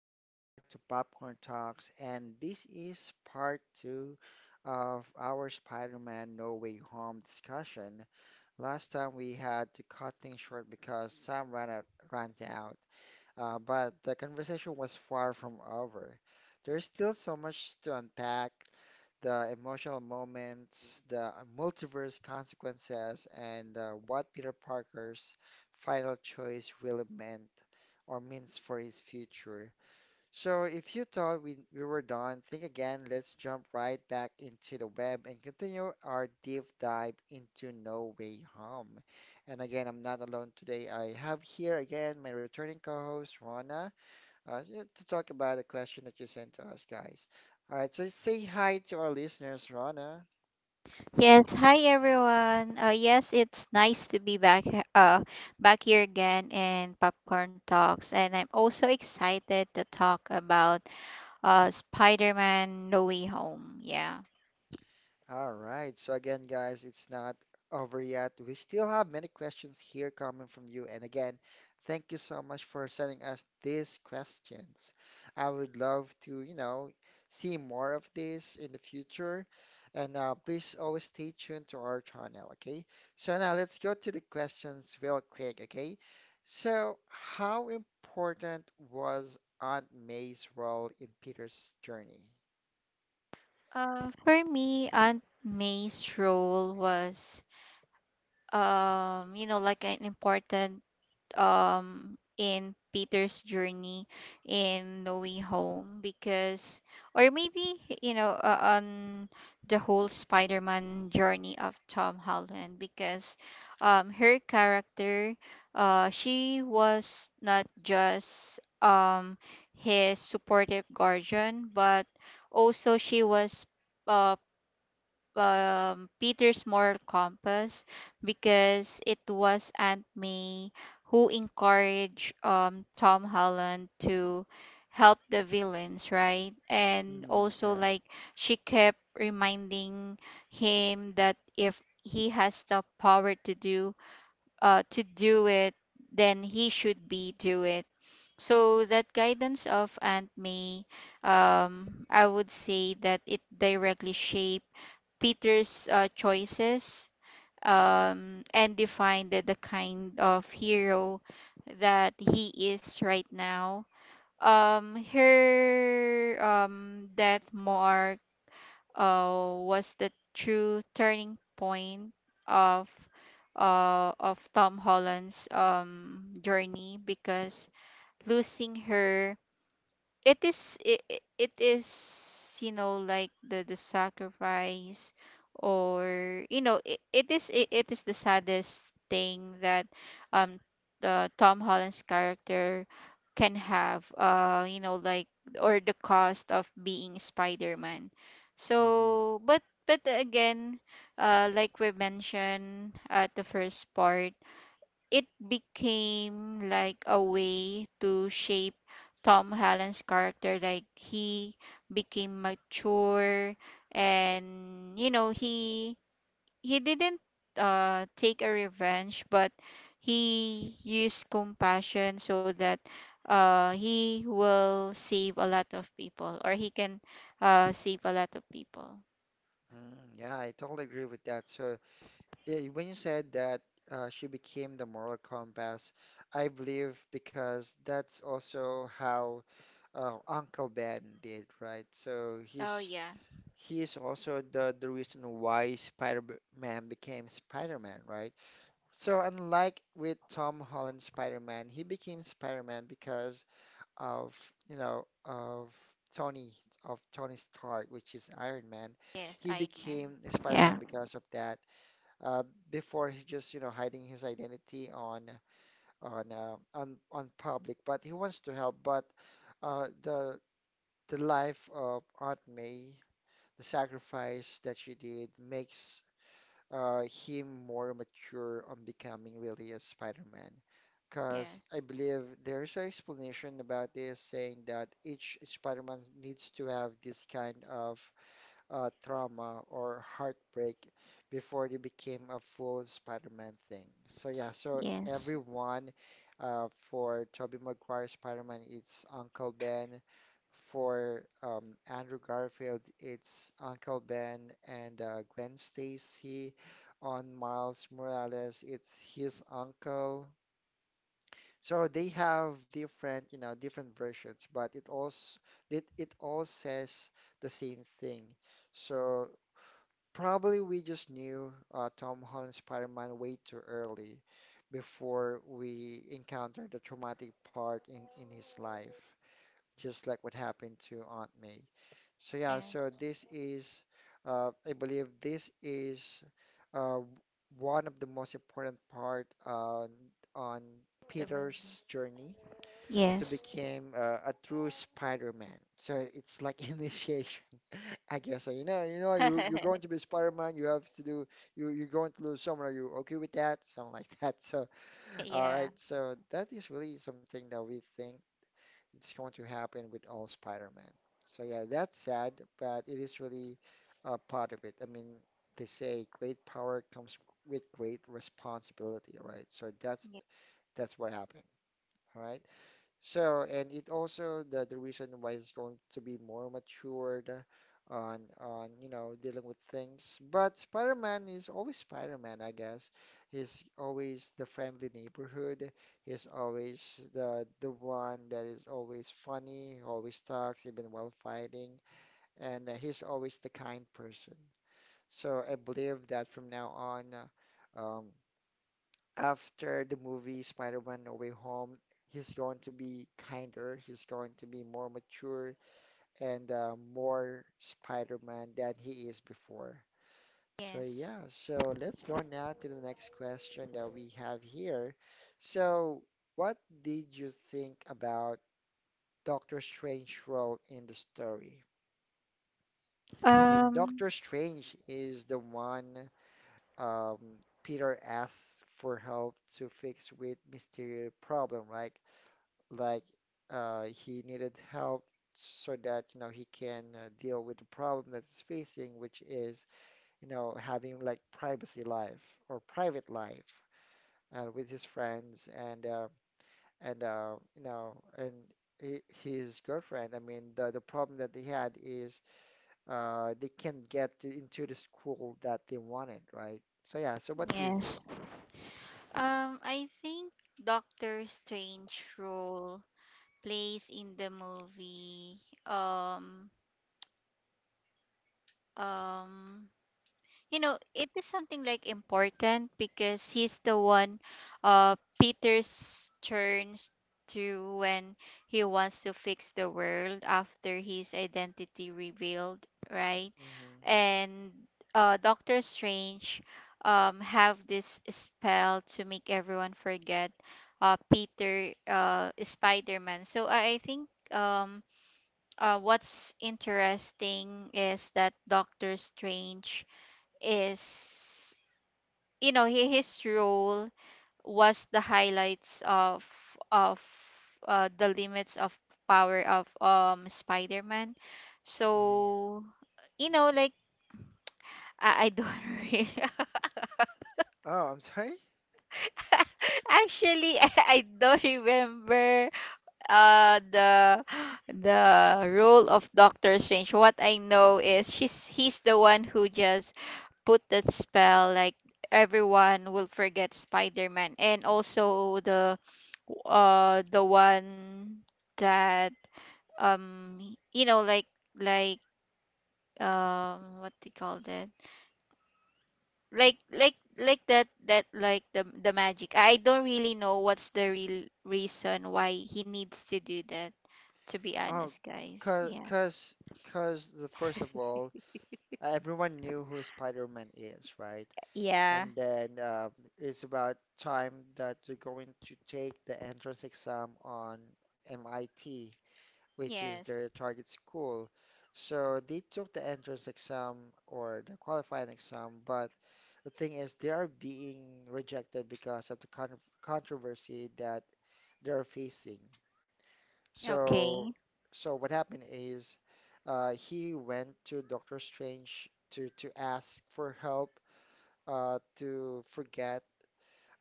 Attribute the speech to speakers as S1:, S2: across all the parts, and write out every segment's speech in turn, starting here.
S1: welcome back to Popcorn Talks, and this is part two of our Spider-Man No Way Home discussion. Last time we had to cut things short because Sam ran out. But the conversation was far from over. There's still so much to unpack, the emotional moments, the multiverse consequences, and what Peter Parker's final choice really meant or means for his future. So if you thought we were done, think again. Let's jump right back into the web and continue our deep dive into No Way Home. And again, I'm not alone today. I have here again my returning co-host, Rana, yeah, to talk about a question that you sent to us, guys. All right, so say hi to our listeners, Rana.
S2: Yes, hi everyone. Yes, it's nice to be back back here again in Popcorn Talks, and I'm also excited to talk about Spider-Man No Way Home. Yeah.
S1: All right. So again, guys, it's not over yet. We still have many questions here coming from you. And again, thank you so much for sending us these questions. I would love to, you know, see more of this in the future. And please always stay tuned to our channel, okay? So now let's go to the questions real quick, okay? So how important was Aunt May's role in Peter's journey?
S2: For me, Aunt May's role was you know like an important in Peter's journey in No Way Home because or maybe you know on the whole Spider-Man journey of Tom Holland because her character she was not just his supportive guardian, but also she was uh Peter's moral compass because it was Aunt May who encouraged Tom Holland to help the villains, right? And
S1: Mm,
S2: also,
S1: yeah.
S2: like, she kept reminding him that if he has the power to do it, then he should be do it. So that guidance of Aunt May, I would say that it directly shaped Peter's choices, and define the kind of hero that he is right now. Her death mark was the true turning point of of Tom Holland's journey because losing her, it is it, it is you know like the sacrifice, or you know it is the saddest thing that um the Tom Holland's character can have you know like, or the cost of being Spider-Man. So But again, like we mentioned at the first part, it became like a way to shape Tom Holland's character. Like he became mature, and you know he didn't take a revenge, but he used compassion so that he will save a lot of people, or he can save a lot of people.
S1: Mm, yeah, I totally agree with that. So, yeah, when you said that she became the moral compass, I believe because that's also how Uncle Ben did, right? So
S2: Oh yeah.
S1: he is also the reason why Spider-Man became Spider-Man, right? So unlike with Tom Holland's Spider-Man, he became Spider-Man because of you know of Tony Tony Stark, which is Iron Man.
S2: Yes, Iron
S1: He
S2: Man.
S1: became
S2: Yeah.
S1: Spider-Man because of that. Uh, before he just you know hiding his identity on on on public, but he wants to help. But the life of Aunt May, the sacrifice that she did makes him more mature on becoming really a Spider-Man. Because
S2: Yes,
S1: I believe there's an explanation about this saying that each Spider-Man needs to have this kind of trauma or heartbreak before they became a full Spider-Man thing. So yeah, so
S2: yes.
S1: everyone for Tobey Maguire Spider-Man, it's Uncle Ben. For Andrew Garfield, it's Uncle Ben and Gwen Stacy. On Miles Morales, it's his uncle. So they have different, you know, different versions, but it all says the same thing. So probably we just knew Tom Holland Spider-Man way too early before we encountered the traumatic part in his life just like what happened to Aunt May. So yeah, so
S2: Yes,
S1: I believe this is uh, one of the most important part on
S2: the movie.
S1: Peter's journey to
S2: Yes.
S1: become a true Spider-Man. So it's like initiation, I guess. So, you know, you're going to be Spider-Man. You have to do. You're going to lose someone. Are you okay with that? Something like that. So all right.
S2: Yeah.
S1: So that is really something that we think it's going to happen with all Spider-Man. So yeah, that's sad, but it is really a part of it. I mean, they say great power comes with great responsibility, right? So
S2: Ye-
S1: that's what happened. All right. So, and it also the reason why it's going to be more matured on you know dealing with things. But Spider-Man is always Spider-Man, I guess. He's always the friendly neighborhood. He's always the one that is always funny, always talks even while fighting, and he's always the kind person. So I believe that from now on, uh, um, after the movie Spider-Man No Way Home, he's going to be kinder, he's going to be more mature and more Spider-Man than he is before. So
S2: Yes.
S1: yeah, so let's go now to the next question that we have here. So, what did you think about Doctor Strange's role in the story? I mean,
S2: Um,
S1: Doctor Strange is the one um, Peter asks for help to fix with Mysterio problem, right? like he needed help so that you know he can deal with the problem that he's facing, which is you know having like privacy life or private life with his friends and you know and his girlfriend. I mean, the problem that they had is they can't get to, into the school that they wanted, right? So yeah. So what do you think?
S2: yes. I think Doctor Strange role plays in the movie, um um you know it is something like important because he's the one uh peter's turns to when he wants to fix the world after his identity revealed, right?
S1: Hmm.
S2: And Doctor Strange have this spell to make everyone forget peter spider-man. So I think what's interesting is that Doctor Strange is, you know, his role was the highlights of of the limits of power of Spider-Man.
S1: Hmm.
S2: So you know like, I don't really,
S1: Oh, I'm sorry.
S2: actually I don't remember uh the the role of Doctor Strange. What I know is she's he's the one who just put that spell like everyone will forget spider-man, and also the one that um you know like, like what they call that, like the magic. I don't really know what's the real reason why he needs to do that, to be
S1: Oh,
S2: honest guys.
S1: cause,
S2: Yeah.
S1: cause, cause the first of all, everyone knew who Spider-Man is, right?
S2: Yeah.
S1: And then it's about time that you're going to take the entrance exam on MIT, which is their
S2: Yes.
S1: target school. So they took the entrance exam or the qualifying exam, but the thing is, they are being rejected because of the controversy that they're facing.
S2: Okay.
S1: So, so what happened is, he went to Doctor Strange to ask for help, uh, to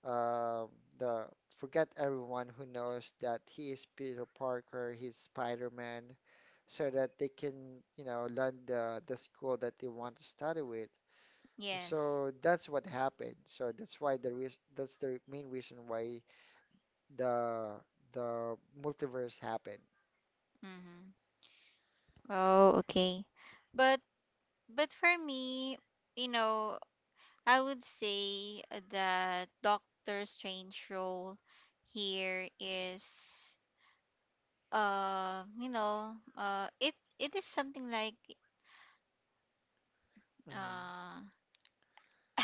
S1: um, the forget everyone who knows that he is Peter Parker, he's Spider-Man, so that they can, you know, learn the school that they want to study with.
S2: Yes.
S1: So that's what happened. So that's why the reas that's the main reason why the the multiverse happened.
S2: Mm-hmm. Oh okay. But But for me, you know, I would say that Doctor Strange role here is you know it is something like
S1: Hmm.
S2: uh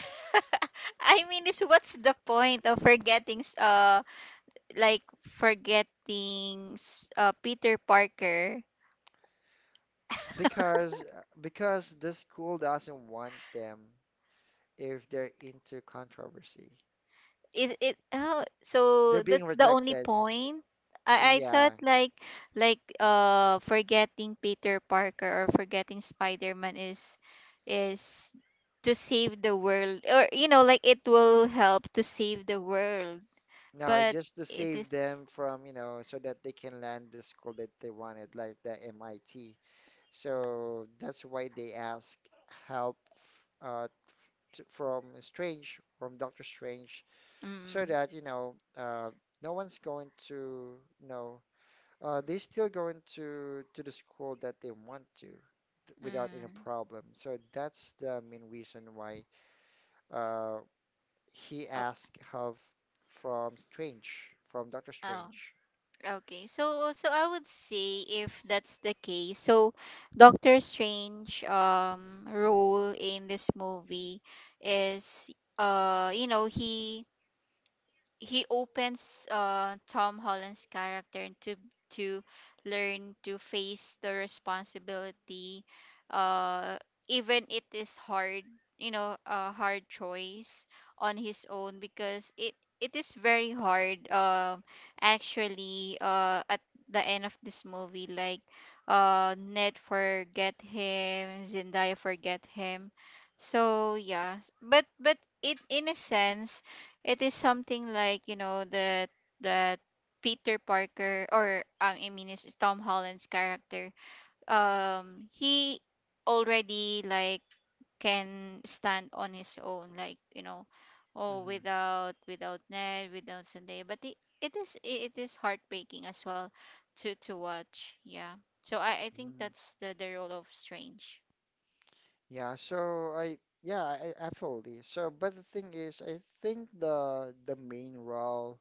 S2: I mean, is what's the point of forgetting like forgetting Peter Parker?
S1: Because because the school doesn't want them if they're into controversy.
S2: It Oh,
S1: They're
S2: so
S1: being
S2: that's the only
S1: rejected.
S2: point? I
S1: Yeah.
S2: thought like forgetting Peter Parker or forgetting Spider-Man is to save the world, or you know like it will help to save the world.
S1: No, I
S2: But
S1: just to
S2: it
S1: save
S2: is.
S1: them from, you know, so that they can land the school that they wanted, like the MIT. So that's why they ask help uh, t from Strange, from Doctor Strange, so
S2: Mm.
S1: that, you know, no one's going to, you know, they still going to the school that they want to without any
S2: Mm.
S1: problem. So that's the main reason why uh, he
S2: Oh.
S1: asked help from Strange, from Doctor
S2: Oh.
S1: Strange.
S2: Okay, so so I would say if that's the case, so Doctor Strange role in this movie is you know he opens Tom Holland's character to learn to face the responsibility, uh, even it is hard, you know, a hard choice on his own, because it is very hard. Actually, at the end of this movie, like, Ned forget him, Zendaya forget him, so yeah, but it in a sense, it is something like, you know, that Peter Parker, or I mean it's Tom Holland's character. He already like can stand on his own, like, you know, oh,
S1: Hmm.
S2: without without Ned, without Zendaya. But it, it is heartbreaking as well to watch. Yeah. So I think
S1: Hmm.
S2: that's the role of Strange.
S1: Yeah. So I yeah I- absolutely. So but the thing is, I think the main role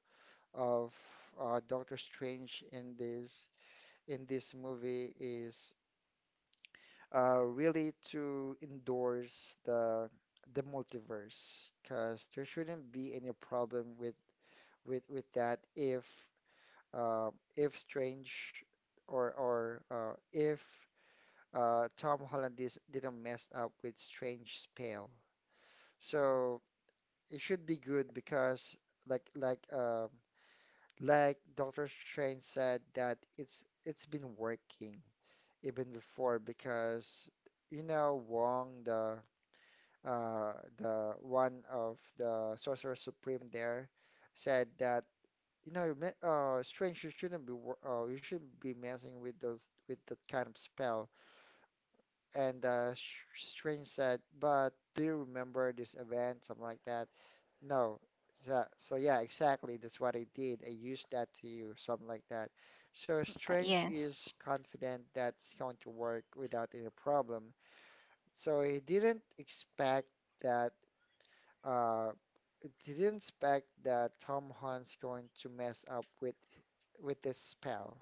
S1: of Doctor Strange in this movie is really to endorse the multiverse because there shouldn't be any problem with with that uh, if Strange or if Tom Holland dis didn't mess up with Strange spell. So it should be good because like like um like Doctor Strange said that it's been working even before because you know Wong, the one of the Sorcerer Supreme there said that you know, strange, you shouldn't be wor- you shouldn't be messing with those with that kind of spell. And Strange said, but do you remember this event, something like that? No. So, so yeah, exactly. That's what I did. I used that to you, something like that. So Strange
S2: Yes.
S1: is confident that's going to work without any problem. So he that uh, didn't expect that Tom Hunt's going to mess up with this spell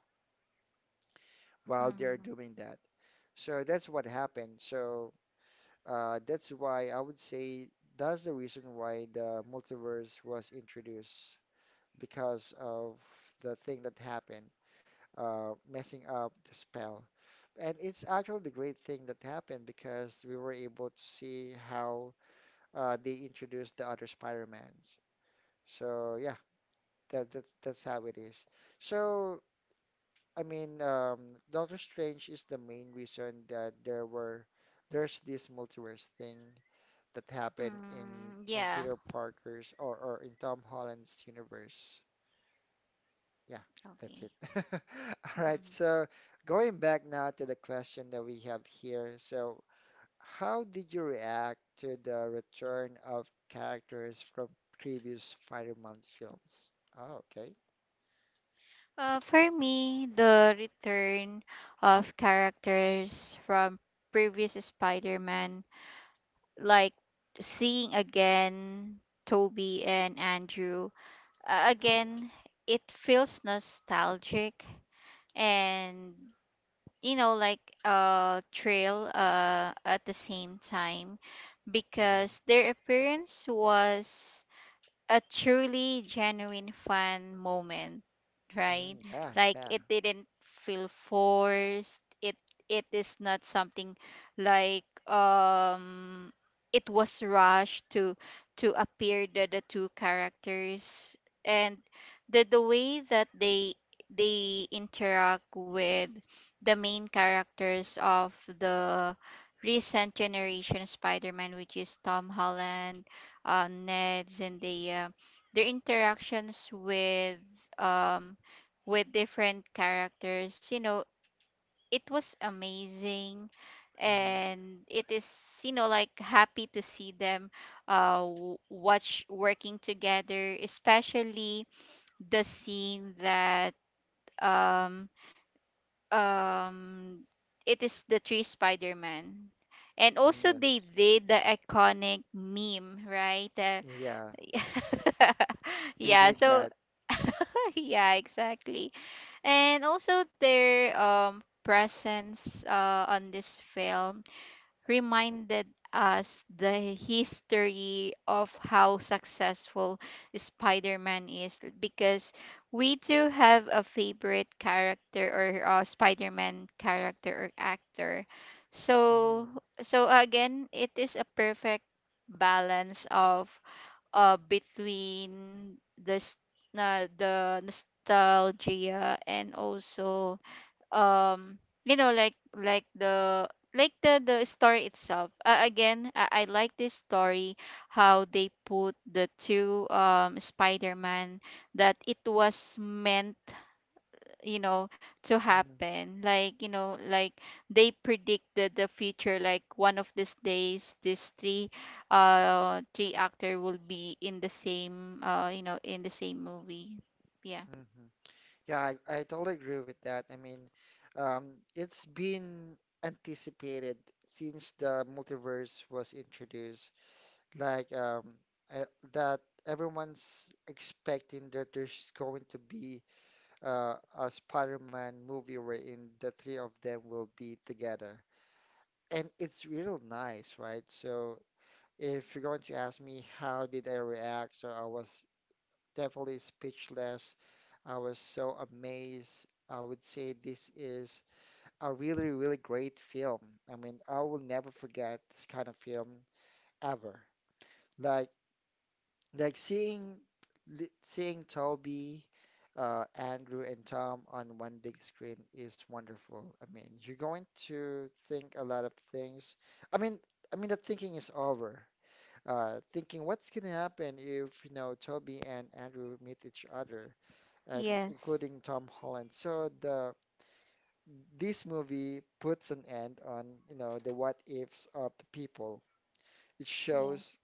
S1: while they're
S2: Mm-hmm.
S1: doing that. So that's what happened. So that's why I would say that's the reason why the multiverse was introduced because of the thing that happened, messing up the spell. And it's actually the great thing that happened because we were able to see how they introduced the other Spider-Mans. So yeah, that's how it is. So, I mean, Doctor Strange is the main reason that there's this multiverse thing that happened in
S2: Mm,
S1: in
S2: yeah.
S1: Peter Parker's or in Tom Holland's universe. Yeah, that's
S2: Okay.
S1: it. All right, so going back now to the question that we have here. So, how did you react to the return of characters from previous Spider-Man films? Oh, okay.
S2: For me, the return of characters from previous Spider-Man, like seeing again Toby and Andrew, again, it feels nostalgic and you know like a trail at the same time, because
S1: Mm-hmm.
S2: their appearance was a truly genuine fun moment, right?
S1: Mm, yeah,
S2: Like
S1: yeah.
S2: it didn't feel forced. It is not something like it was rushed to appear the two characters, and the way that they interact with the main characters of the recent generation Spider-Man, which is Tom Holland, Ned's, and Zendaya, their interactions um with different characters, you know, it was amazing,
S1: Mm-hmm.
S2: and it is you know like happy to see them watch working together, especially the scene that um um it is the three spider-man, and also they
S1: Yes.
S2: did the iconic meme, right?
S1: Yeah, they
S2: Yeah,
S1: did
S2: so
S1: that.
S2: yeah, exactly. And also their presence on this film reminded us the history of how successful spider-man is, because we too have a favorite character, or spider-man character or actor. So
S1: Mm-hmm.
S2: so again, it is a perfect balance of between the s- na the nostalgia and also um you know like the, like the story itself. Again, I like this story how they put the two spider-man that it was meant, you know, to happen, like you know like they predicted the future, like one of these days these three three actor will be in the same you know in the same movie. Yeah.
S1: Mm-hmm. Yeah, I totally agree with that. I mean, it's been anticipated since the multiverse was introduced. Like, I, that everyone's expecting that there's going to be a Spider-Man movie wherein the three of them will be together. And it's real nice, right? So if you're going to ask me how did I react, so I was definitely speechless. I was so amazed. I would say this is a really, really great film. I mean, I will never forget this kind of film ever. Like, like seeing seeing Toby, Andrew, and Tom on one big screen is wonderful. I mean, you're going to think a lot of things. I mean, I mean, the thinking is over thinking what's going to happen if you know Toby and Andrew meet each other, and
S2: Yes.
S1: including Tom Holland. So the this movie puts an end on you know the what ifs of the people. It shows
S2: Yes.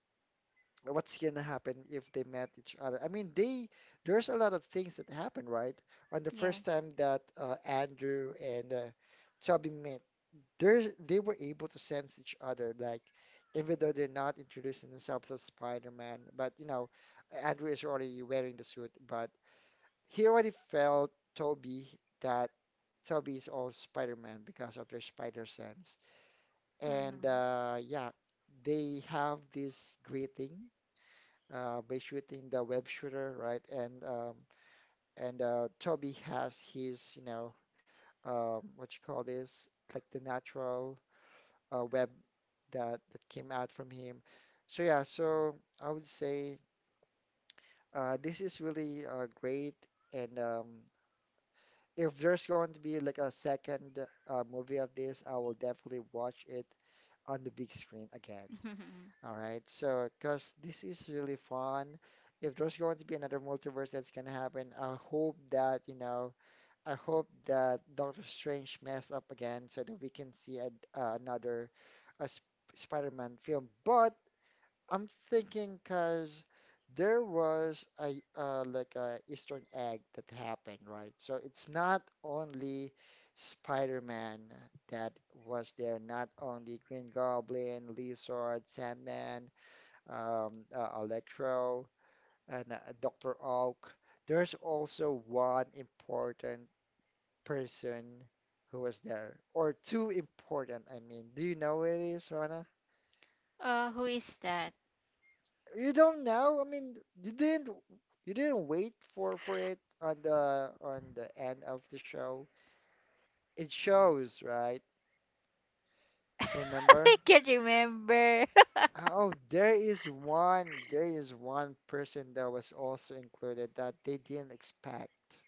S1: what's going to happen if they met each other. I mean, they there's a lot of things that happen, right? On the first
S2: Yes.
S1: time that Andrew and Toby met they were able to sense each other, like even though they're not introducing themselves as Spider-Man, but you know, Andrew is already wearing the suit, but he already felt Toby that Toby is also Spider-Man because of their spider sense. And
S2: Mm-hmm.
S1: yeah, they have this greeting by shooting the web shooter, right? And Toby has his, you know, what you call this, like the natural web that came out from him. So yeah, so I would say this is really great. And if there's going to be like a second movie of this, I will definitely watch it on the big screen again. All right, so because this is really fun. If there's going to be another multiverse that's gonna happen, I hope that Doctor Strange mess up again so that we can see a, another a Sp- Spider-Man film. But I'm thinking because there was a like a Eastern egg that happened, right? So it's not only Spider-Man that was there, not only Green Goblin, Lizard, Sandman, Electro, and Doctor Oak. There's also one important person who was there, or two important. I mean, do you know who it is, Rana?
S2: Who is that?
S1: You don't know? I mean, you didn't you didn't wait for it on the end of the show. It shows, right?
S2: I
S1: Remember?
S2: can't remember.
S1: Oh, there is one person that was also included that they didn't expect.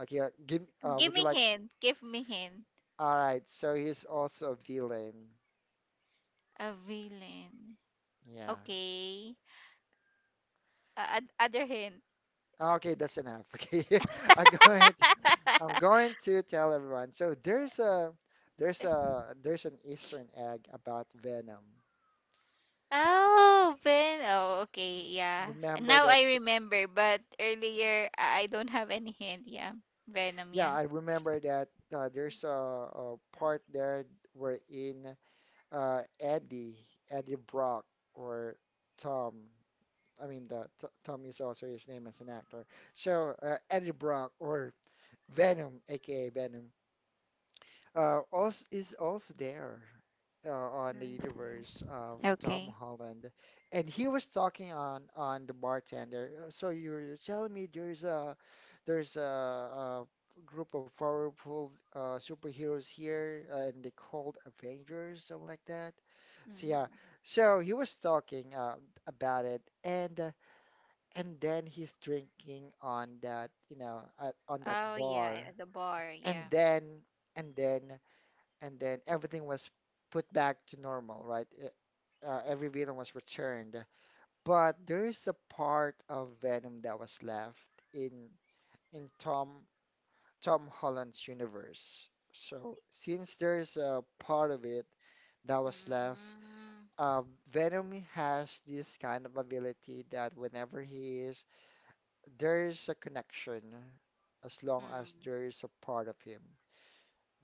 S1: Okay, give
S2: give
S1: would you
S2: me
S1: like to,
S2: hint, give me hint.
S1: all right, so he's also a villain.
S2: A villain.
S1: Yeah.
S2: Okay, other hint.
S1: Okay, that's enough. Okay. I go ahead. I'm going to tell everyone. So there's an Eastern egg about Venom.
S2: Oh, pen. Oh, okay. Yeah.
S1: Remember
S2: Now
S1: that?
S2: I remember, but earlier I don't have any hint. Yeah. Venom.
S1: Yeah,
S2: Yeah.
S1: I remember that. There's a part there wherein uh, Eddie Eddie Brock or Tom. I mean, Tom is also his name as an actor. So Eddie Brock or Venom, aka Venom, also is also there on the
S2: Mm,
S1: universe of Tom
S2: okay.
S1: Holland, and he was talking on the bartender. So you're telling me there's a group of powerful superheroes here, and they called Avengers, something like that." So yeah,
S2: Mm-hmm.
S1: so he was talking about it, and and then he's drinking on that you know at, on that
S2: Oh yeah,
S1: bar,
S2: at the bar,
S1: and
S2: yeah.
S1: then and then and then everything was put back to normal, right? Every villain was returned, but there's a part of Venom that was left in in Tom Tom Holland's universe. So since there's a part of it that was left,
S2: Mm.
S1: uh, Venom has this kind of ability that whenever he is, there's a connection as long as
S2: Mm,
S1: there's a part of him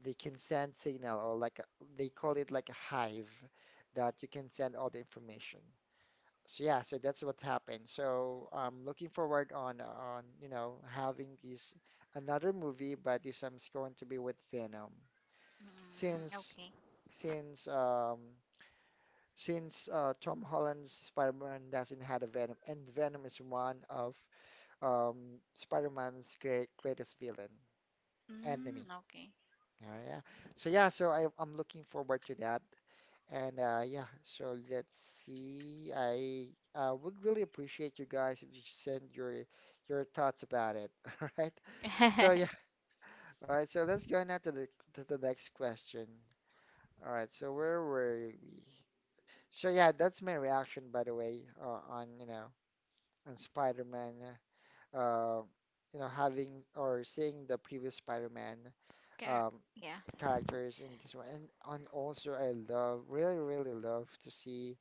S1: they can send signal or like a, they call it like a hive that you can send all the information. So yeah, so that's what happened. So I'm looking forward on you know having this another movie, but this one's going to be with Venom.
S2: mm,
S1: Since
S2: okay.
S1: since um since Tom Holland's Spider-Man doesn't have a Venom, and Venom is one of um Spider-Man's greatest villain enemy.
S2: Mm, okay.
S1: Oh, yeah. So yeah, so I'm looking forward to that. And yeah, so let's see. I would really appreciate you guys if you send your thoughts about it. All right. So yeah. All right. So let's go now to the next question. All right. So where were we? So yeah, that's my reaction, by the way, on Spider-Man. Uh, having or seeing the previous Spider-Man
S2: Car-.
S1: um,
S2: Yeah.
S1: characters in this one, and also I love really love to see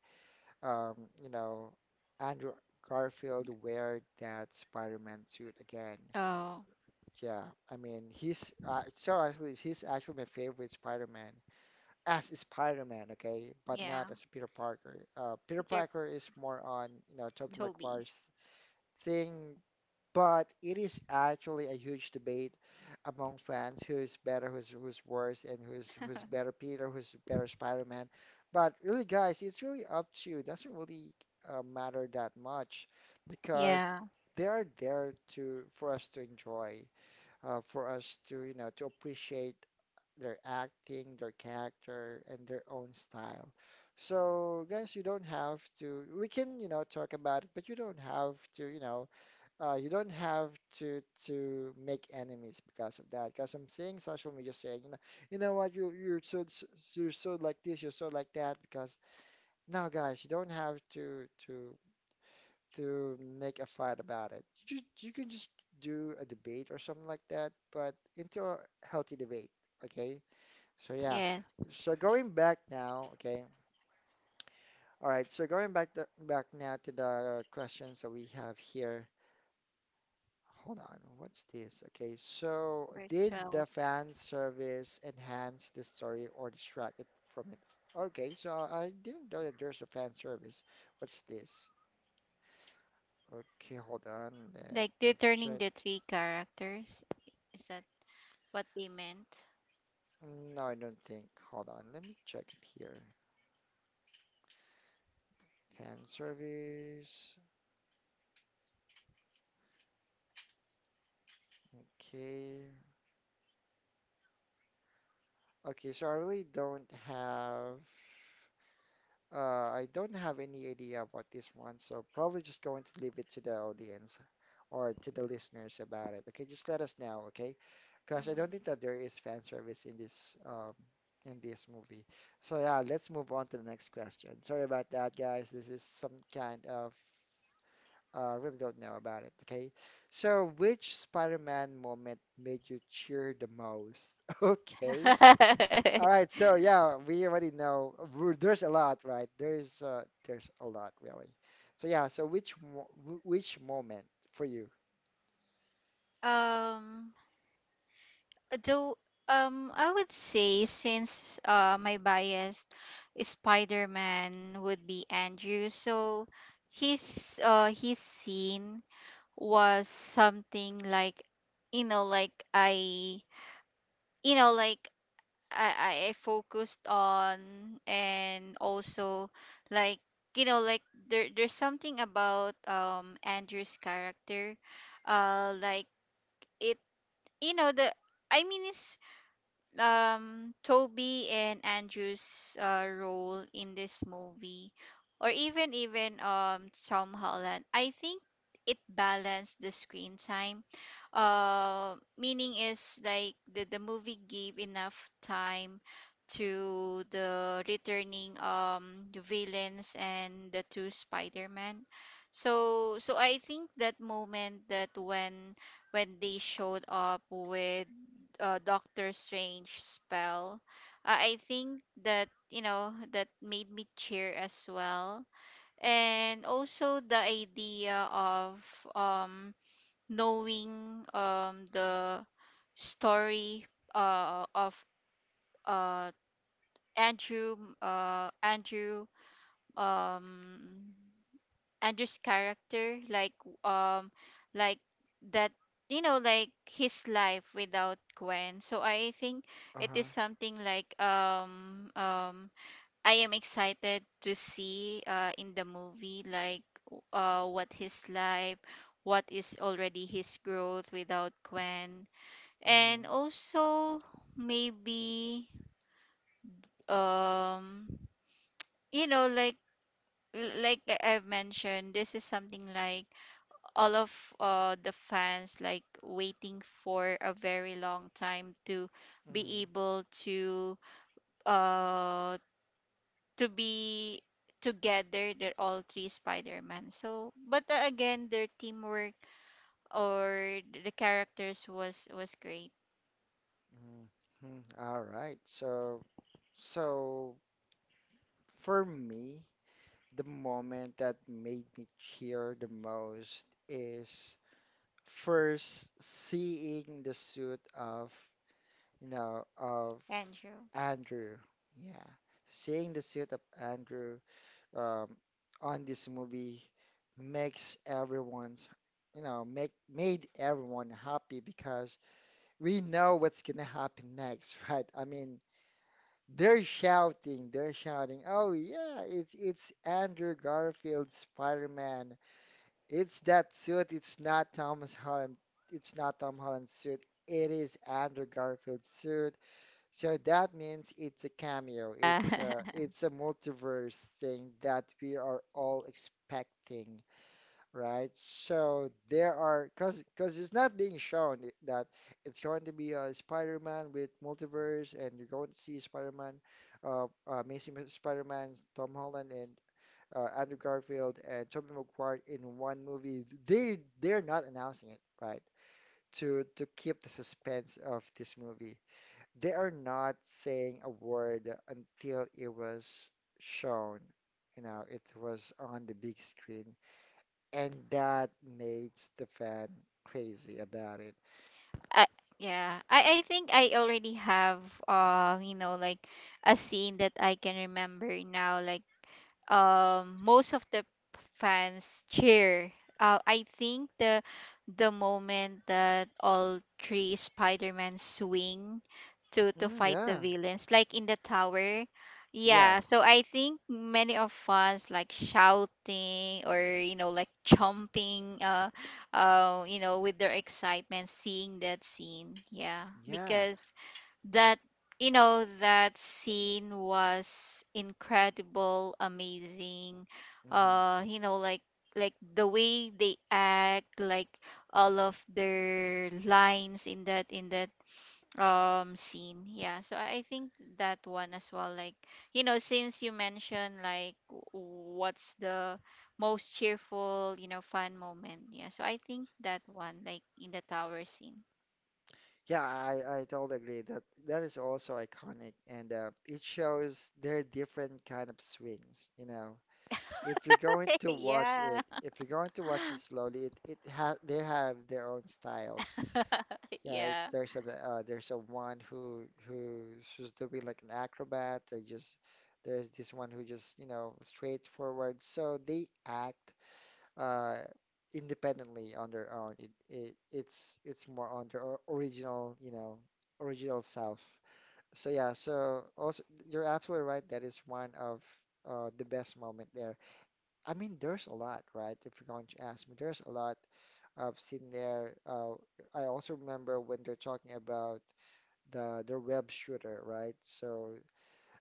S1: um, you know, Andrew Garfield wear that Spider-Man suit again.
S2: Oh.
S1: Yeah, I mean, he's so actually he's actually my favorite Spider-Man as a Spider-Man, okay, but not
S2: Yeah.
S1: as Peter Parker. Peter
S2: Peter
S1: Parker is more on, you know, Tobey
S2: Toby.
S1: Maguire's thing, but it is actually a huge debate among fans who's better, who's worse, and who's better Peter, who's better Spider-Man. But really, guys, it's really up to you. It doesn't really matter that much because
S2: Yeah.
S1: they are there to for us to enjoy, for us to to appreciate their acting, their character, and their own style. So, guys, you don't have to. We can talk about it, but you don't have to make enemies because of that. Because I'm seeing social media saying, you know what, you're you're so like this, you're so like that. Because no, guys, you don't have to make a fight about it. You can just do a debate or something like that, but into a healthy debate. Okay, so yeah,
S2: Yes.
S1: so going back now, okay. All right, so going back back now to the questions that we have here. Hold on, what's this? Okay, so did
S2: Bertel.
S1: the fan service enhance the story or distract it from it? Okay, so I didn't know that there's a fan service. What's this? Okay, hold on, let
S2: Like they're
S1: me
S2: turning
S1: check.
S2: the three characters. Is that what they meant.
S1: No, I don't think. Hold on, let me check it here. Fan service. Okay. Okay, so I really don't have I don't have any idea about this one, so probably just going to leave it to the audience or to the listeners about it. Okay, just let us know, okay? Because I
S2: Mm.
S1: don't think that there is fan service in this movie. So yeah, let's move on to the next question. Sorry about that, guys. This is some kind of really don't know about it. Okay, so which Spider-Man moment made you cheer the most? Okay. All right, so yeah, we already know there's a lot, right? There's a lot really. So yeah, so which moment for you?
S2: um, though, I would say since my bias Spider-Man would be Andrew, so his scene was something like you know like I you know like I focused on, and also like you know like, there there's something about Andrew's character, like it you know the I mean it's Toby and Andrew's role in this movie, or even even Tom Holland. I think it balanced the screen time, meaning is like the movie gave enough time to the returning the villains and the two Spider-Man. So so I think that moment that when they showed up with Doctor Strange spell. I think that, you know, that made me cheer as well, and also the idea of um knowing the story of uh Andrew Andrew, um Andrew's character, like, um, like that, you know, like his life without Gwen. So I think it is
S1: Uh-huh.
S2: something like, I am excited to see in the movie, like what his life, what is already his growth without Gwen, and
S1: Mhm,
S2: also maybe, um, you know, like I've mentioned, this is something like all of the fans like waiting for a very long time to be
S1: mhm,
S2: able uh to be together, they're all three spider-man. So but again, their teamwork or the characters was great.
S1: mhm, mhm. All right. So, for me, the moment that made me cheer the most is first seeing the suit of, you know, of
S2: Andrew.
S1: Andrew. Yeah, seeing the suit of Andrew um, on this movie makes everyone's, make made everyone happy because we know what's gonna happen next, right? I mean, they're shouting, "Oh yeah, it's Andrew Garfield's Spider-Man. It's that suit. It's not Thomas Holland. It's not Tom Holland's suit. It is Andrew Garfield's suit." So that means it's a cameo.
S2: uh,
S1: It's a multiverse thing that we are all expecting, right? So there are, cause it's not being shown that it's going to be a Spider-Man with multiverse, and you're going to see Spider-Man, Amazing Spider-Man, Tom Holland and Andrew Garfield and Tobey Maguire in one movie. They're not announcing it, right? To keep the suspense of this movie, they are not saying a word until it was shown. You know, it was on the big screen. And that makes the fan crazy about it.
S2: I, yeah, I think I already have you know like a scene that I can remember now, like most of the fans cheer. I think the moment that all three Spider-Man swing to
S1: Mm,
S2: fight the
S1: yeah.
S2: villains, like in the tower. Yeah,
S1: Yes.
S2: so I think many of fans like shouting, or you know like jumping, you know, with their excitement seeing that scene. Yeah,
S1: Yeah.
S2: because that, you know, that scene was incredible amazing.
S1: Hmm.
S2: You know like the way they act, like all of their lines in that scene. Yeah, so I think that one as well, like you know, since you mentioned like what's the most cheerful, you know, fun moment. Yeah, so I think that one, like in the tower scene.
S1: Yeah, I totally agree that that is also iconic and it shows there are different kind of swings, you know. If you're going to watch
S2: yeah.
S1: it, if you're going to watch it slowly, it has they have their own styles. Yeah,
S2: yeah.
S1: it's there's a one who who's who's doing like an acrobat or just there's this one who just you know straightforward. So they act uh independently on their own. It's more on their original you know original self. So yeah, so also you're absolutely right. That is one of the best moment there. I mean, there's a lot, right? If you're going to ask me, there's a lot I've seen there. I also remember when they're talking about the web shooter, right? So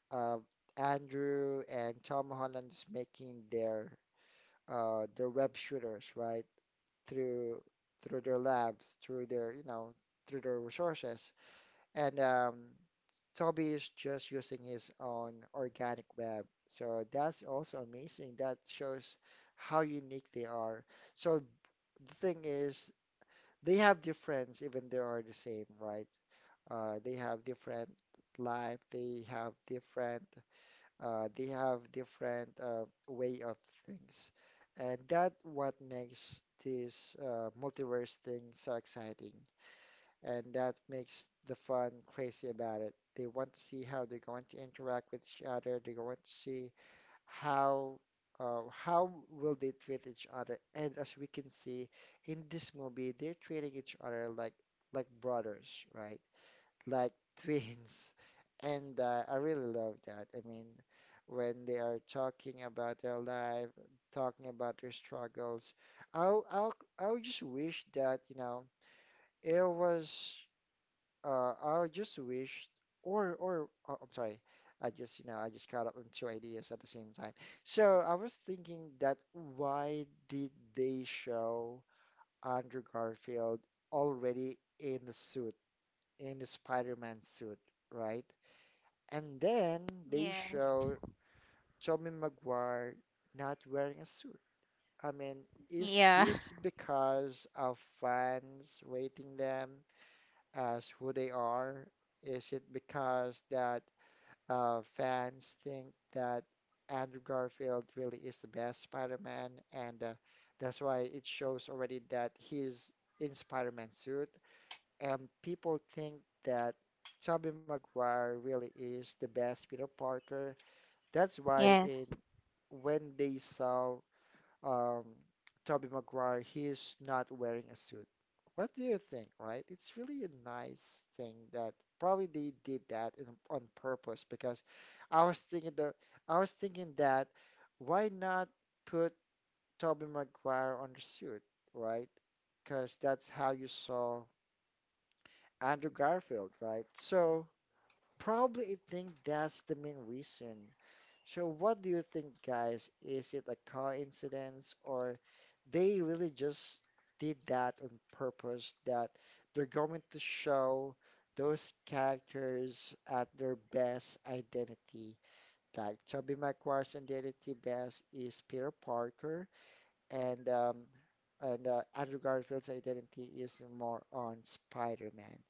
S1: uh, Andrew and Tom Holland's making their web shooters, right? Through through their you know through their resources. And Toby is just using his own organic web. So that's also amazing. That shows how unique they are. So the thing is, they have difference, even they are the same, right? They have different life. They have different. They have different way of things, and that what makes this multiverse thing so exciting and that makes the fun crazy about it. They want to see how they're going to interact with each other. They want to see how how will they treat each other. And as we can see in this movie, they're treating each other like brothers, right? Like twins. And I really love that. I mean, when they are talking about their life, talking about their struggles, I'll I'll I'll just wish that, you know, it was I just wish, or oh, I'm sorry, I just caught up on two ideas at the same time. So I was thinking, that why did they show Andrew Garfield already in the suit, in the Spider-Man suit, right? And then they
S2: Yes.
S1: show Tobey Maguire not wearing a suit. I mean, is
S2: Yeah.
S1: this because of fans rating them as who they are? Is it because that fans think that Andrew Garfield really is the best Spider-Man, and that's why it shows already that he's in Spider-Man suit, and people think that Tobey Maguire really is the best Peter Parker. That's why in
S2: Yes.
S1: when they saw um, Tobey Maguire, he's not wearing a suit. What do you think, right? It's really a nice thing that probably they did that on purpose. Because I was thinking the I was thinking, that why not put Tobey Maguire on the suit, right? Because that's how you saw Andrew Garfield, right? So probably I think that's the main reason. So what do you think, guys? Is it a coincidence, or they really just did that on purpose, that they're going to show those characters at their best identity? Like Tobey Maguire's identity best is Peter Parker, and Andrew Garfield's identity is more on Spider-Man.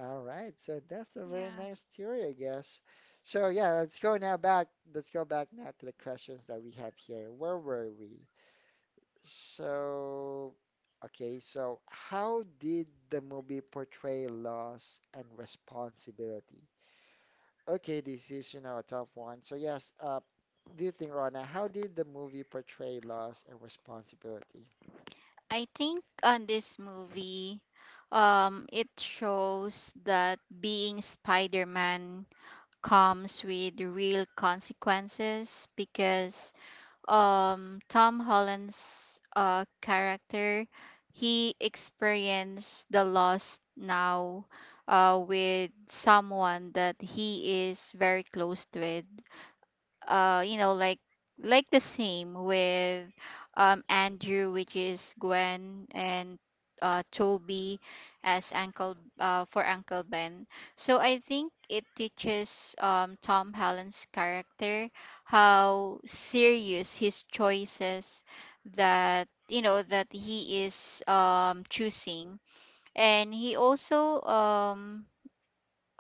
S1: All right, so that's a very
S2: Yeah.
S1: nice theory, I guess. So yeah, let's go now back. Let's go back now to the questions that we have here. Where were we? So, okay, so how did the movie portray loss and responsibility? Okay, this is, you know, a tough one. So yes, do you think, Rona, how did the movie portray loss and responsibility?
S2: I think on this movie, it shows that being Spider-Man comes with real consequences, because Tom Holland's character, he experienced the loss now with someone that he is very close with. You know like the same with Andrew, which is Gwen, and Toby as Uncle Ben. So I think it teaches Tom Holland's character how serious his choices that you know that he is choosing. And he also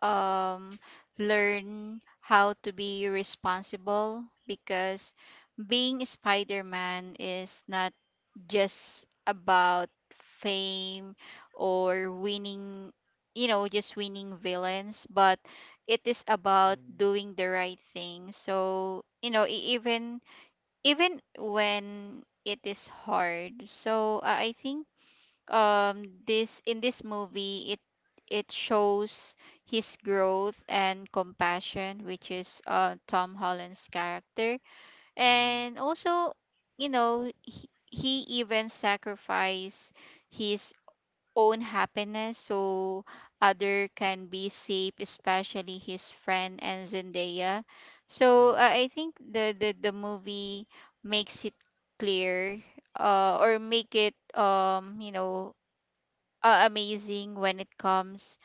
S2: um, learn how to be responsible, because being Spider-Man is not just about fame or winning, you know, just winning villains, but it is about
S1: Mm-hmm,
S2: doing the right thing. So, you know, even even when it is hard. So, I think this in this movie it shows his growth and compassion, which is Tom Holland's character. And also, you know, he even sacrificed his own happiness so other can be safe, especially his friend and Zendaya. So
S1: mm-hmm.
S2: I think the movie makes it clear, or make it amazing when it comes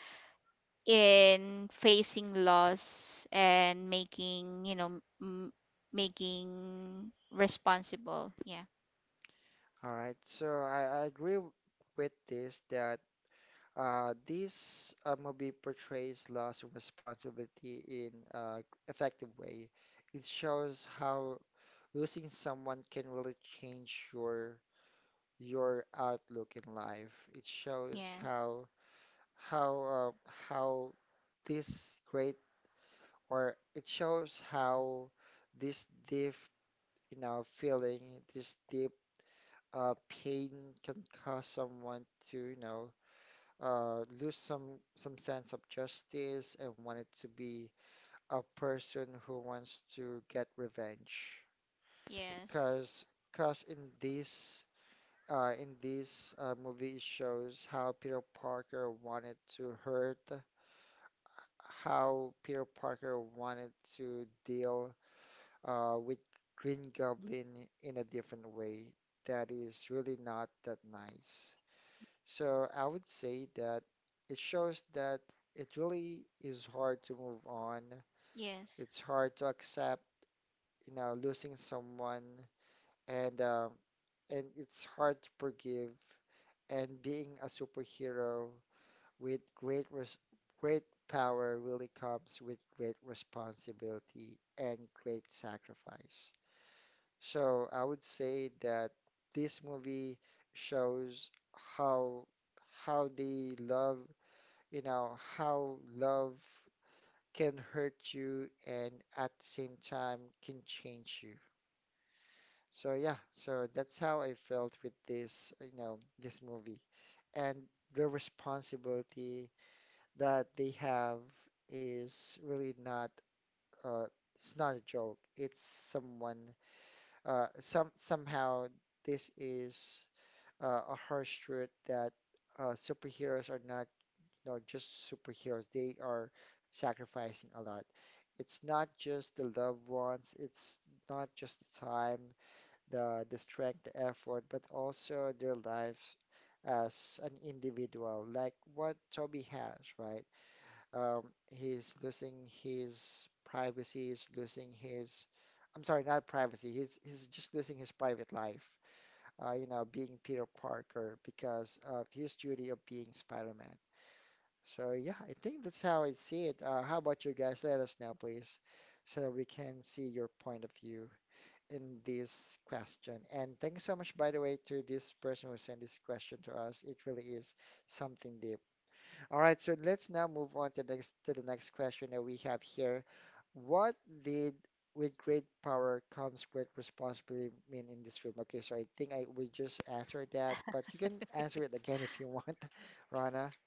S2: in facing loss and making, you know, making responsible. Yeah.
S1: All right, so I agree with this that this movie portrays loss and responsibility in a effective way. It shows how losing someone can really change your outlook in life. It shows
S2: Yes.
S1: how how this great or it shows how this deep, you know, feeling, this deep pain can cause someone to, you know, lose some sense of justice and wanted to be a person who wants to get revenge.
S2: Yes.
S1: Cause cause in this movie, it shows how Peter Parker wanted to hurt, how Peter Parker wanted to deal with Green Goblin in a different way that is really not that nice. So I would say that it shows that it really is hard to move on.
S2: Yes.
S1: It's hard to accept, you know, losing someone, and um, and it's hard to forgive. And being a superhero with great power really comes with great responsibility and great sacrifice. So I would say that this movie shows how how they love you know, how love can hurt you, and at the same time can change you. So yeah, so that's how I felt with this, you know, this movie. And the responsibility that they have is really not uh it's not a joke. It's someone somehow this is a harsh truth that superheroes are not not just superheroes. They are sacrificing a lot. It's not just the loved ones, it's not just the time, the strength, the effort, but also their lives as an individual, like what Toby has, right? Um, he's losing his privacy, he's losing his, I'm sorry, not privacy, he's just losing his private life, you know, being Peter Parker because of his duty of being Spider-Man. So yeah, I think that's how I see it. How about you guys? Let us know, please, so that we can see your point of view in this question. And thank you so much, by the way, to this person who sent this question to us. It really is something deep. All right, so let's now move on to the next question that we have here. What did with great power comes great responsibility mean in this film? Okay, so I think I will just answer that, but you can answer it again if you want, Rana.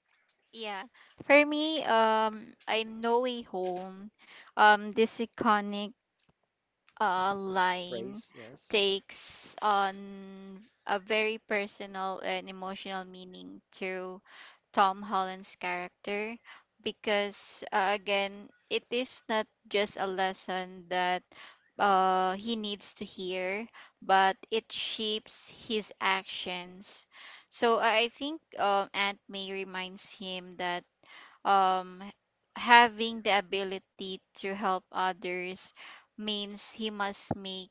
S2: Yeah, for me, I know a home. This iconic line
S1: Phrase, yes.
S2: takes on a very personal and emotional meaning to Tom Holland's character, because again, it is not just a lesson that he needs to hear, but it shapes his actions. So I think, Aunt May reminds him that, um, having the ability to help others means he must make,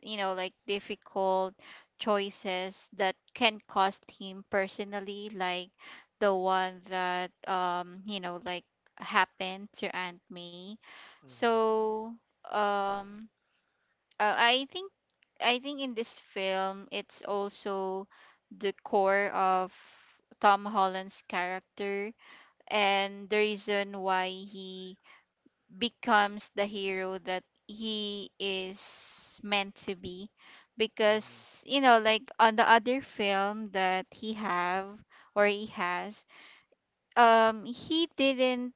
S2: you know, like, difficult choices that can cost him personally, like the one that, you know, like happened to Aunt May.
S1: Hmm.
S2: So, um, uh, I think, I think in this film, it's also the core of Tom Holland's character and the reason why he becomes the hero that he is meant to be,
S1: Mm-hmm,
S2: because you know, like, on the other film that he have, or he has, he didn't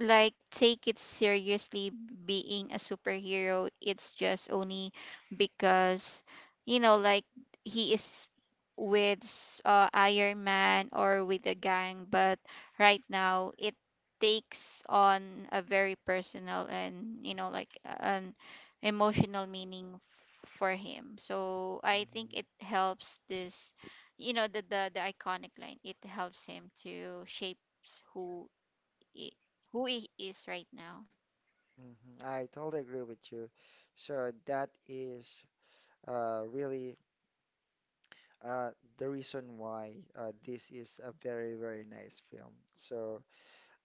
S2: like take it seriously being a superhero. It's just only because, you know, like, he is with Iron Man or with the gang, but right now it takes on a very personal and, you know, like an emotional meaning for him. So I think
S1: mm-hmm,
S2: it helps this, you know, the iconic line, it helps him to shape who i- who he is right now.
S1: mm-hmm. I totally agree with you. So that is really uh, the reason why this is a very, very nice film. So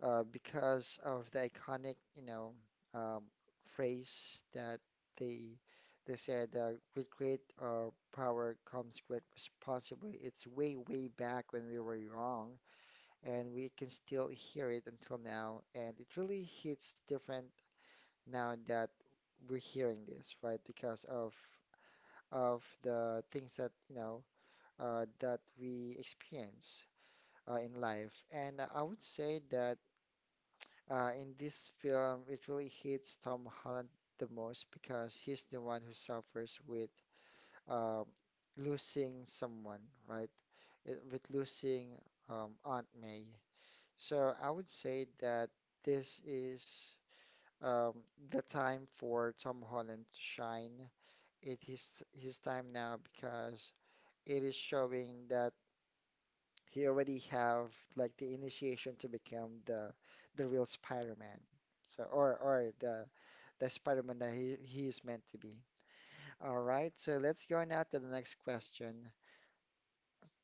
S1: because of the iconic, you know, um, phrase that they they said, with great power comes great responsibility. It's way, way back when we were young, and we can still hear it until now, and it really hits different now that we're hearing this, right? Because of the things that, you know, that we experience in life. And I would say that in this film, it really hits Tom Holland the most because he's the one who suffers with um, losing someone, right? With losing Aunt May. So I would say that this is um, the time for Tom Holland to shine. It is his time now because it is showing that he already have like the initiation to become the real Spider-Man. Or the Spider-Man that he is meant to be. All right, so let's go now to the next question.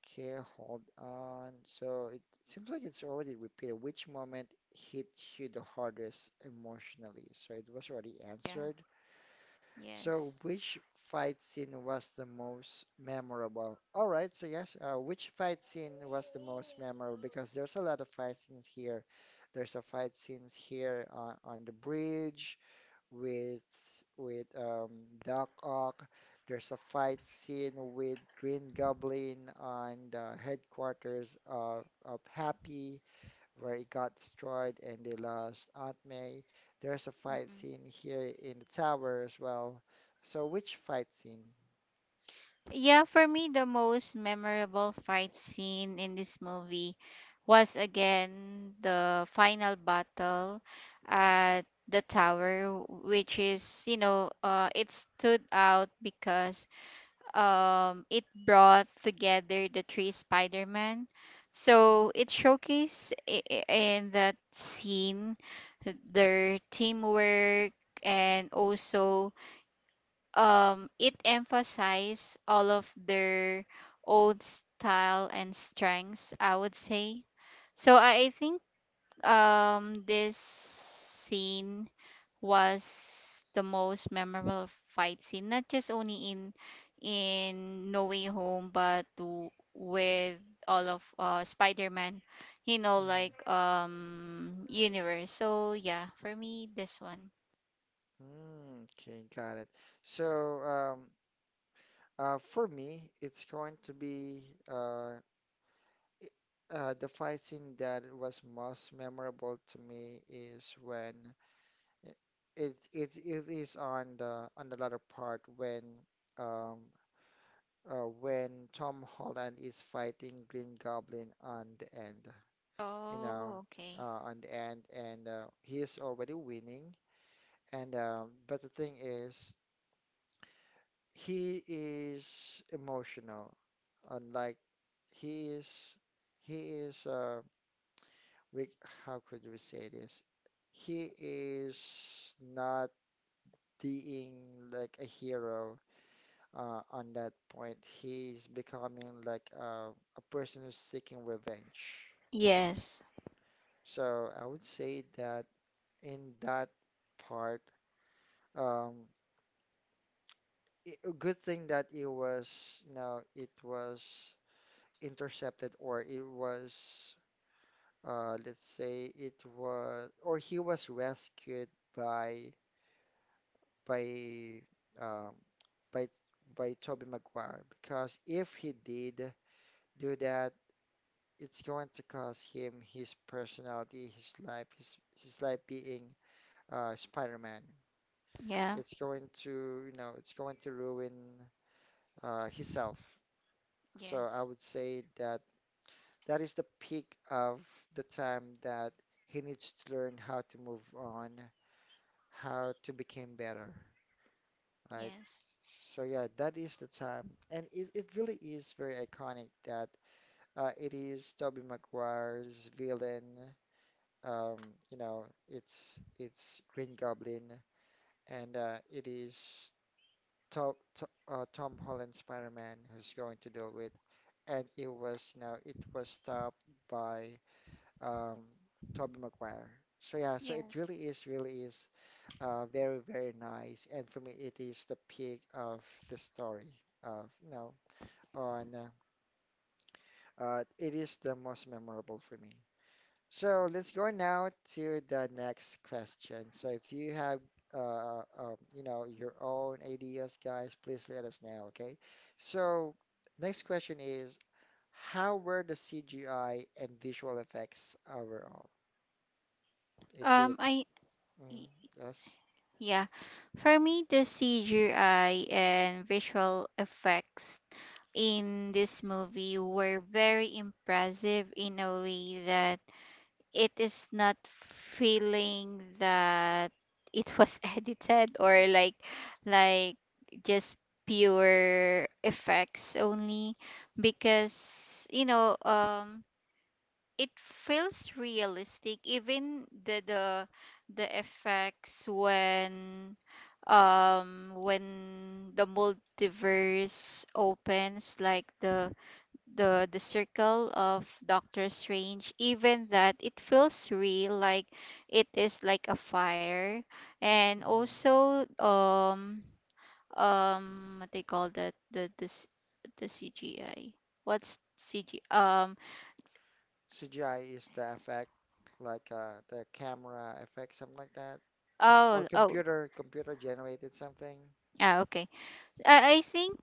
S1: Okay, hold on. So it seems like it's already repeated. Which moment hit you the hardest emotionally? So it was already
S2: Yeah.
S1: answered. So,
S2: Yes.
S1: which fight scene was the most memorable? All right, so yes, which fight scene was the most memorable? Because there's a lot of fight scenes here. There's a fight scenes here on the bridge with with um, Doc Ock. There's a fight scene with Green Goblin on the headquarters of Happy, where it got destroyed and they lost Aunt May. There's a fight
S2: Mm-mm.
S1: scene here in the tower as well. So which fight scene?
S2: Yeah, for me, the most memorable fight scene in this movie was, again, the final battle at the tower, which is, you know, it stood out because, it brought together the three Spider-Man. So it showcased in that scene their teamwork, and also, it emphasized all of their own style and strengths, I would say. So I think, this scene was the most memorable fight scene not just only in No Way Home, but with all of Spider-Man, you know, like,
S1: Hmm.
S2: universe. So yeah, for me, this one.
S1: Okay, got it. So for me, it's going to be uh, the fight scene that was most memorable to me is when i- it is on the latter part um when Tom Holland is fighting Green Goblin on the end, you know,
S2: Oh, okay.
S1: on the end, and he is already winning. And but the thing is, he is emotional. Unlike he is, he is. We, how could we say this? He is not being like a hero on that point. He's becoming like a person who's seeking revenge.
S2: Yes.
S1: So I would say that in that part, um, a good thing that it was, you know, it was intercepted, or it was, let's say it was, or he was rescued by by um, by by Tobey Maguire, because if he did do that, it's going to cost him his personality, his life, his life being Spider-Man.
S2: Yeah.
S1: It's going to, you know, it's going to ruin himself. So I
S2: Yes.
S1: would say that that is the peak of the time that he needs to learn how to move on, how to become better, right?
S2: Yes.
S1: So yeah, that is the time, and it really is very iconic that it is Tobey Maguire's villain. Um, you know, it's Green Goblin, and it is Tom Holland Spider-Man who's going to deal with, and it was, you know, it was stopped by um, Tobey Maguire. So yeah, so it
S2: Yes.
S1: really is very, very nice, and for me it is the peak of the story of, you know, on it is the most memorable for me. So let's go now to the next question. So if you have, you know, your own ideas, guys, please let us know, okay? So next question is, how were the CGI and visual effects overall? Is it,
S2: I
S1: mm,
S2: y-
S1: yes,
S2: yeah, for me, the CGI and visual effects in this movie were very impressive, in a way that it is not feeling that it was edited or like, just pure effects only, because, you know, it feels realistic, even the the effects when, when the multiverse opens, like the the circle of Doctor Strange, even that, it feels real, like it is like a fire. And
S1: mhm.
S2: also, what they call that, the the CGI. What's CG?
S1: CGI is the effect, like the camera effect, something like that, or
S2: Oh, oh,
S1: computer generated something?
S2: ah, okay. I think,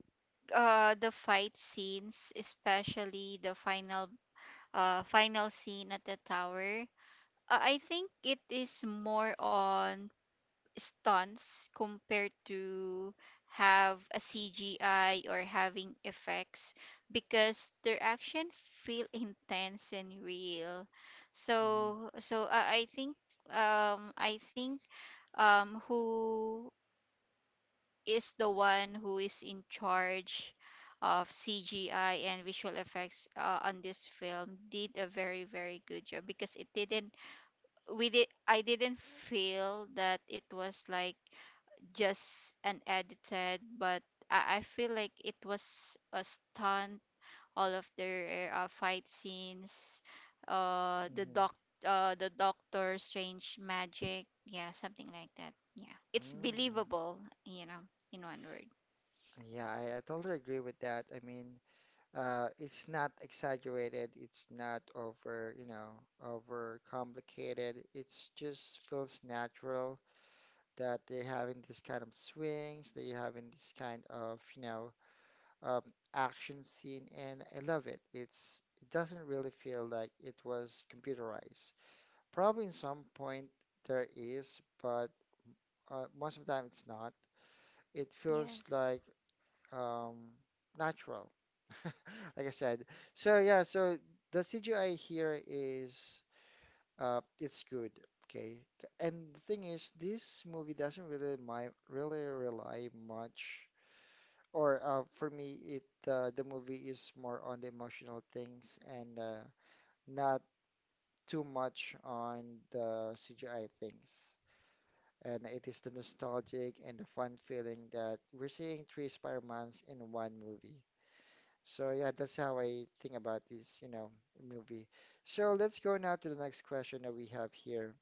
S2: the fight scenes, especially the final final scene at the tower. I think it is more on stunts compared to have a CGI or having effects, because their action feel intense and real.
S1: Mhm.
S2: So so I think, I think, who is the one who is in charge of CGI and visual effects, on this film, did a very very good job, because it didn't, we did, I didn't feel that it was like just unedited, but I feel like it was a stunt. All of their fight scenes, uh, the
S1: Mhm.
S2: doc, the Doctor Strange magic, yeah, something like that. Yeah, it's
S1: Mm,
S2: believable, you know, in one word.
S1: yeah, I totally agree with that. I mean, it's not exaggerated. It's not over, you know, over complicated. It's just feels natural, that they're having this kind of swings, that you're having this kind of, you know, um, action scene, and I love it. It's it doesn't really feel like it was computerized. Probably in some point there is, but most of the time it's not. It feels
S2: Yes.
S1: like, um, natural, like I said. So yeah, so the CGI here is it's good, okay. And the thing is, this movie doesn't really my really rely much, or for me, it the movie is more on the emotional things and not too much on the CGI things. And it is the nostalgic and the fun feeling that we're seeing three Spider-Mans in one movie. So yeah, that's how I think about this, you know, movie. So let's go now to the next question that we have here.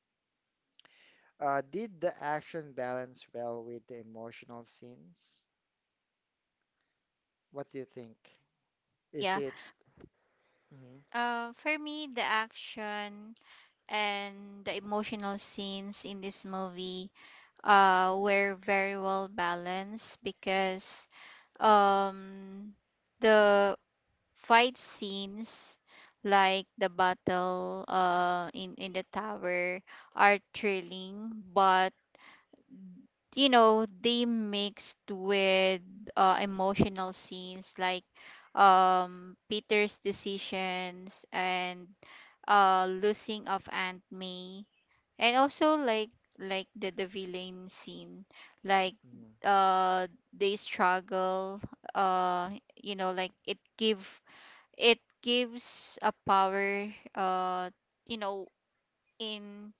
S1: Did the action balance well with the emotional scenes? What do you think? Is
S2: Yeah.
S1: it? Hmm.
S2: For me, the action and the emotional scenes in this movie were very well balanced, because um the fight scenes, like the battle in the tower, are thrilling, but, you know, they mixed with emotional scenes like, Peter's decisions and losing of Aunt May, and also like, the villain scene, like,
S1: Hmm.
S2: uh they struggle, uh you know, like, it gives a power, uh you know in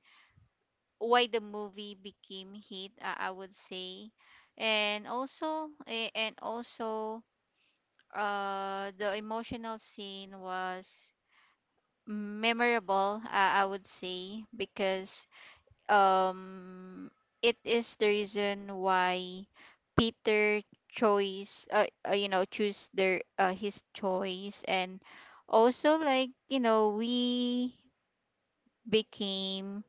S2: why the movie became hit, I would say. And also, the emotional scene was memorable, I would say, because, um it is the reason why Peter choice you know, choose their his choice. And also like, you know, we became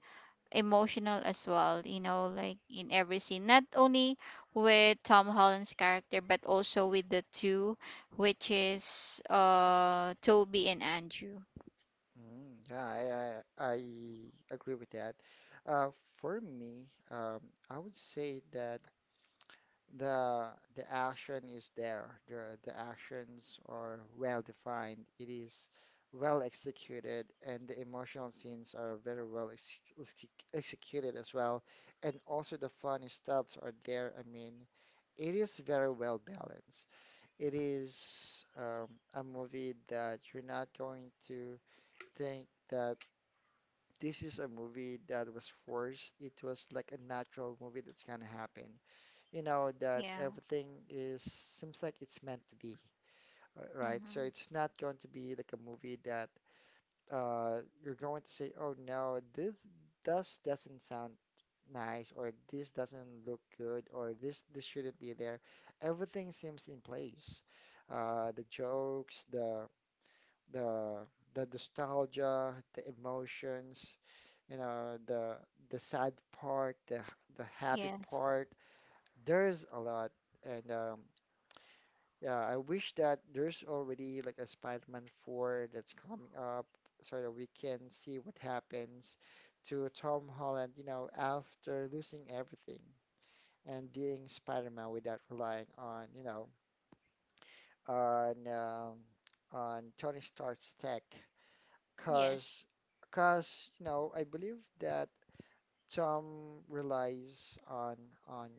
S2: emotional as well, you know, like, in every scene, not only with Tom Holland's character, but also with the two, which is Toby and Andrew.
S1: Hmm. Yeah, I agree with that. Uh, for me, I would say that the the action is there. The actions are well defined. It is well executed, and the emotional scenes are very well executed as well. And also the funny stuffs are there. I mean, it is very well balanced. It is a movie that you're not going to think that this is a movie that was forced. It was like a natural movie that's gonna happen, you know that
S2: Yeah.
S1: everything is seems like it's meant to be, right? So
S2: Mm-hmm.
S1: it's not going to be like a movie that you're going to say, "Oh no, this doesn't sound nice," or "This doesn't look good," or This shouldn't be there." Everything seems in place. The jokes, the the nostalgia, the emotions, you know, the sad part, the happy
S2: Yes.
S1: part, there's a lot, and yeah, I wish that there's already like a Spider-Man 4 that's coming up so that we can see what happens to Tom Holland, you know, after losing everything and being Spider-Man without relying on, you know, on on Tony Stark's tech, cause,
S2: Yes.
S1: cause you know, I believe that Tom relies on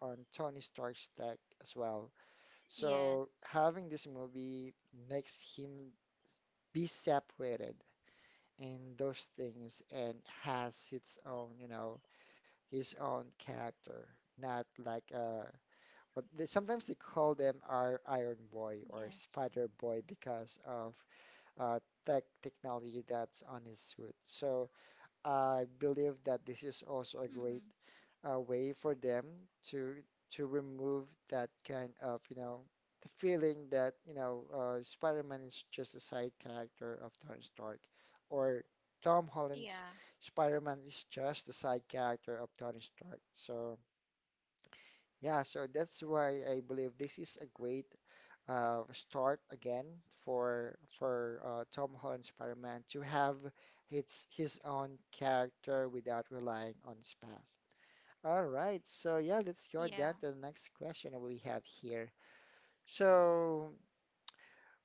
S1: on Tony Stark's tech as well. So
S2: Yes.
S1: having this movie makes him be separated in those things and has its own, you know, his own character, not like what they sometimes they call them our Iron
S2: Yes.
S1: Boy or Spider Boy because of uh tech technology that's on his suit. So I believe that this is also
S2: Mm-mm.
S1: a great way for them to to remove that kind of, you know, the feeling that, you know, Spider-Man is just a side character of Tony Stark, or Tom
S2: Yeah,
S1: Holland's Spider-Man is just the side character of Tony Stark. So yeah, so that's why I believe this is a great start again for Tom Holland Spider-Man to have its his own character without relying on his past. All right, so yeah, let's
S2: yeah.
S1: go down to the next question that we have here. So,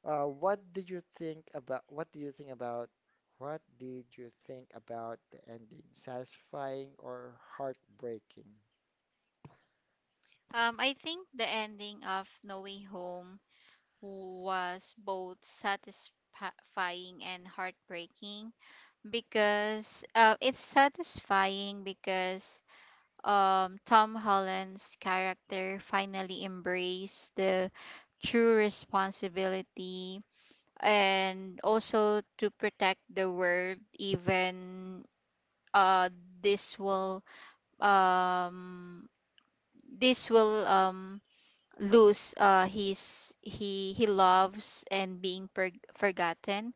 S1: what did you think about what did you think about what did you think about the ending? Satisfying or heartbreaking?
S2: I think the ending of No Way Home was both satisfying and heartbreaking, because it's satisfying because, Tom Holland's character finally embraced the true responsibility, and also to protect the world, even uh, this will um this will lose his he loves and being forgotten.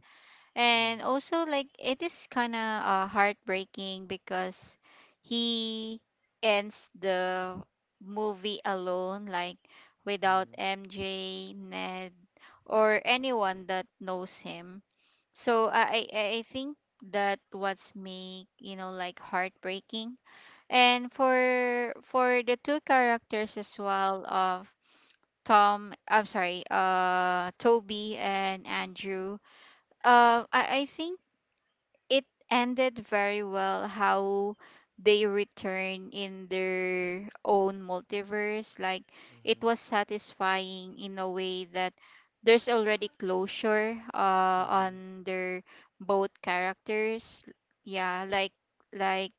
S2: And
S1: Mm-hmm.
S2: also like, it is kind of heartbreaking, because he ends the movie alone, like, without MJ, Ned, or anyone that knows him. So I think that what's make, you know, like, heartbreaking. And for the two characters as well of Tom, I'm sorry, Toby and Andrew. I think it ended very well how they return in their own multiverse. Like, it was satisfying in a way that there's already closure
S1: Mm-hmm. Mm-hmm.
S2: on their both characters. Yeah, like,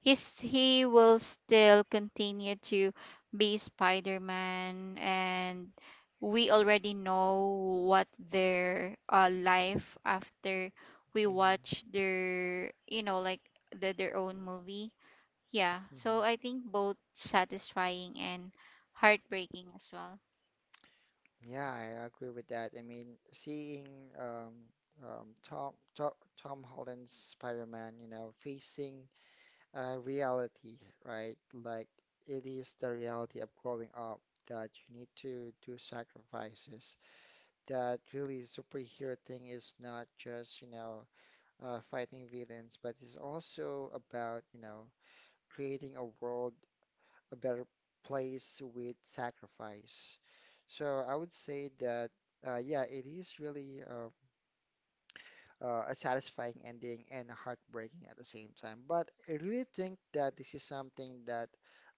S2: he will still continue to be Spider-Man, and we already know what their life after, we
S1: Mm-hmm.
S2: watch their, you know, like, their own movie. Yeah, so I think both satisfying and heartbreaking as well.
S1: Yeah, I agree with that. I mean, seeing um, Tom Tom Holland's Spider-Man, you know, facing reality, right? Like it is the reality of growing up that you need to do sacrifices. That really superhero thing is not just, you know, fighting villains, but it's also about, you know, creating a world, a better place with sacrifice. So I would say that, yeah, it is really a satisfying ending and heartbreaking at the same time. But I really think that this is something that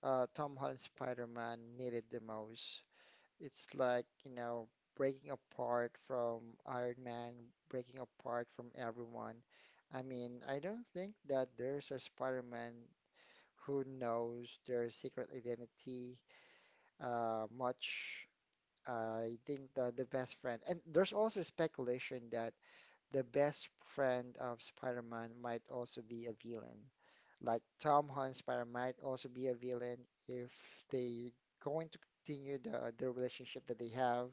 S1: Tom Holland Spider-Man needed the most. It's like, you know, breaking apart from Iron Man, breaking apart from everyone. I mean, I don't think that there's a Spider-Man who knows their secret identity much. I think the best friend, and there's also speculation that the best friend of Spider-Man might also be a villain. Like Tom Holland Spider might also be a villain if they going to continue the relationship that they have,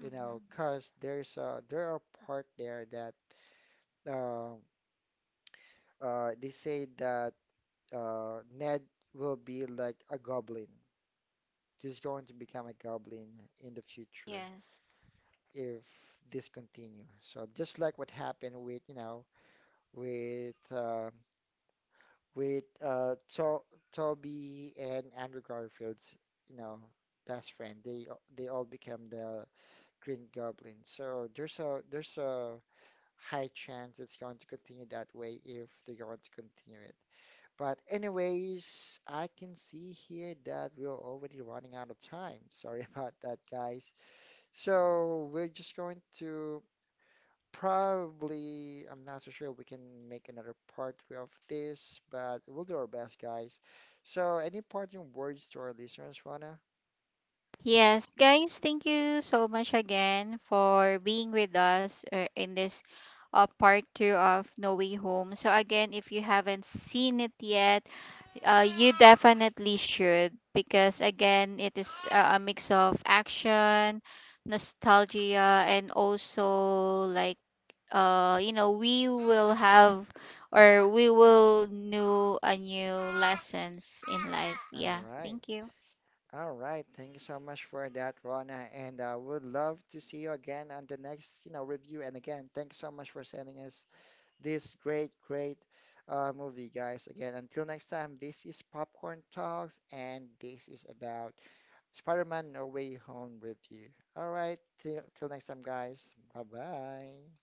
S1: you know, cause there's a there are part there that uh, they say that Ned will be like a goblin. He's going to become a goblin in the future.
S2: Yes.
S1: If this continues, so just like what happened with, you know, with uh, with to Toby and Andrew Garfield's, you know, best friend. They all become the Green Goblin. So there's a high chance it's going to continue that way if they're going to continue it. But anyways, I can see here that we're already running out of time. Sorry about that, guys. So we're just going to probably, I'm not so sure we can make another part of this, but we'll do our best, guys. So, any parting words to our listeners, Rana?
S2: Yes, guys, thank you so much again for being with us in this part two of No Way Home. So again, if you haven't seen it yet, uh, you definitely should, because again, it is a mix of action, nostalgia, and also like, you know, we will have or we will know a new lessons in life.
S1: All
S2: Yeah,
S1: right.
S2: thank you.
S1: All right. Thank you so much for that, Rana. And I would love to see you again on the next, you know, review. And again, thanks so much for sending us this great, great movie, guys. Again, until next time, this is Popcorn Talks, and this is about Spider-Man No Way Home review. All right, till next time, guys. Bye bye.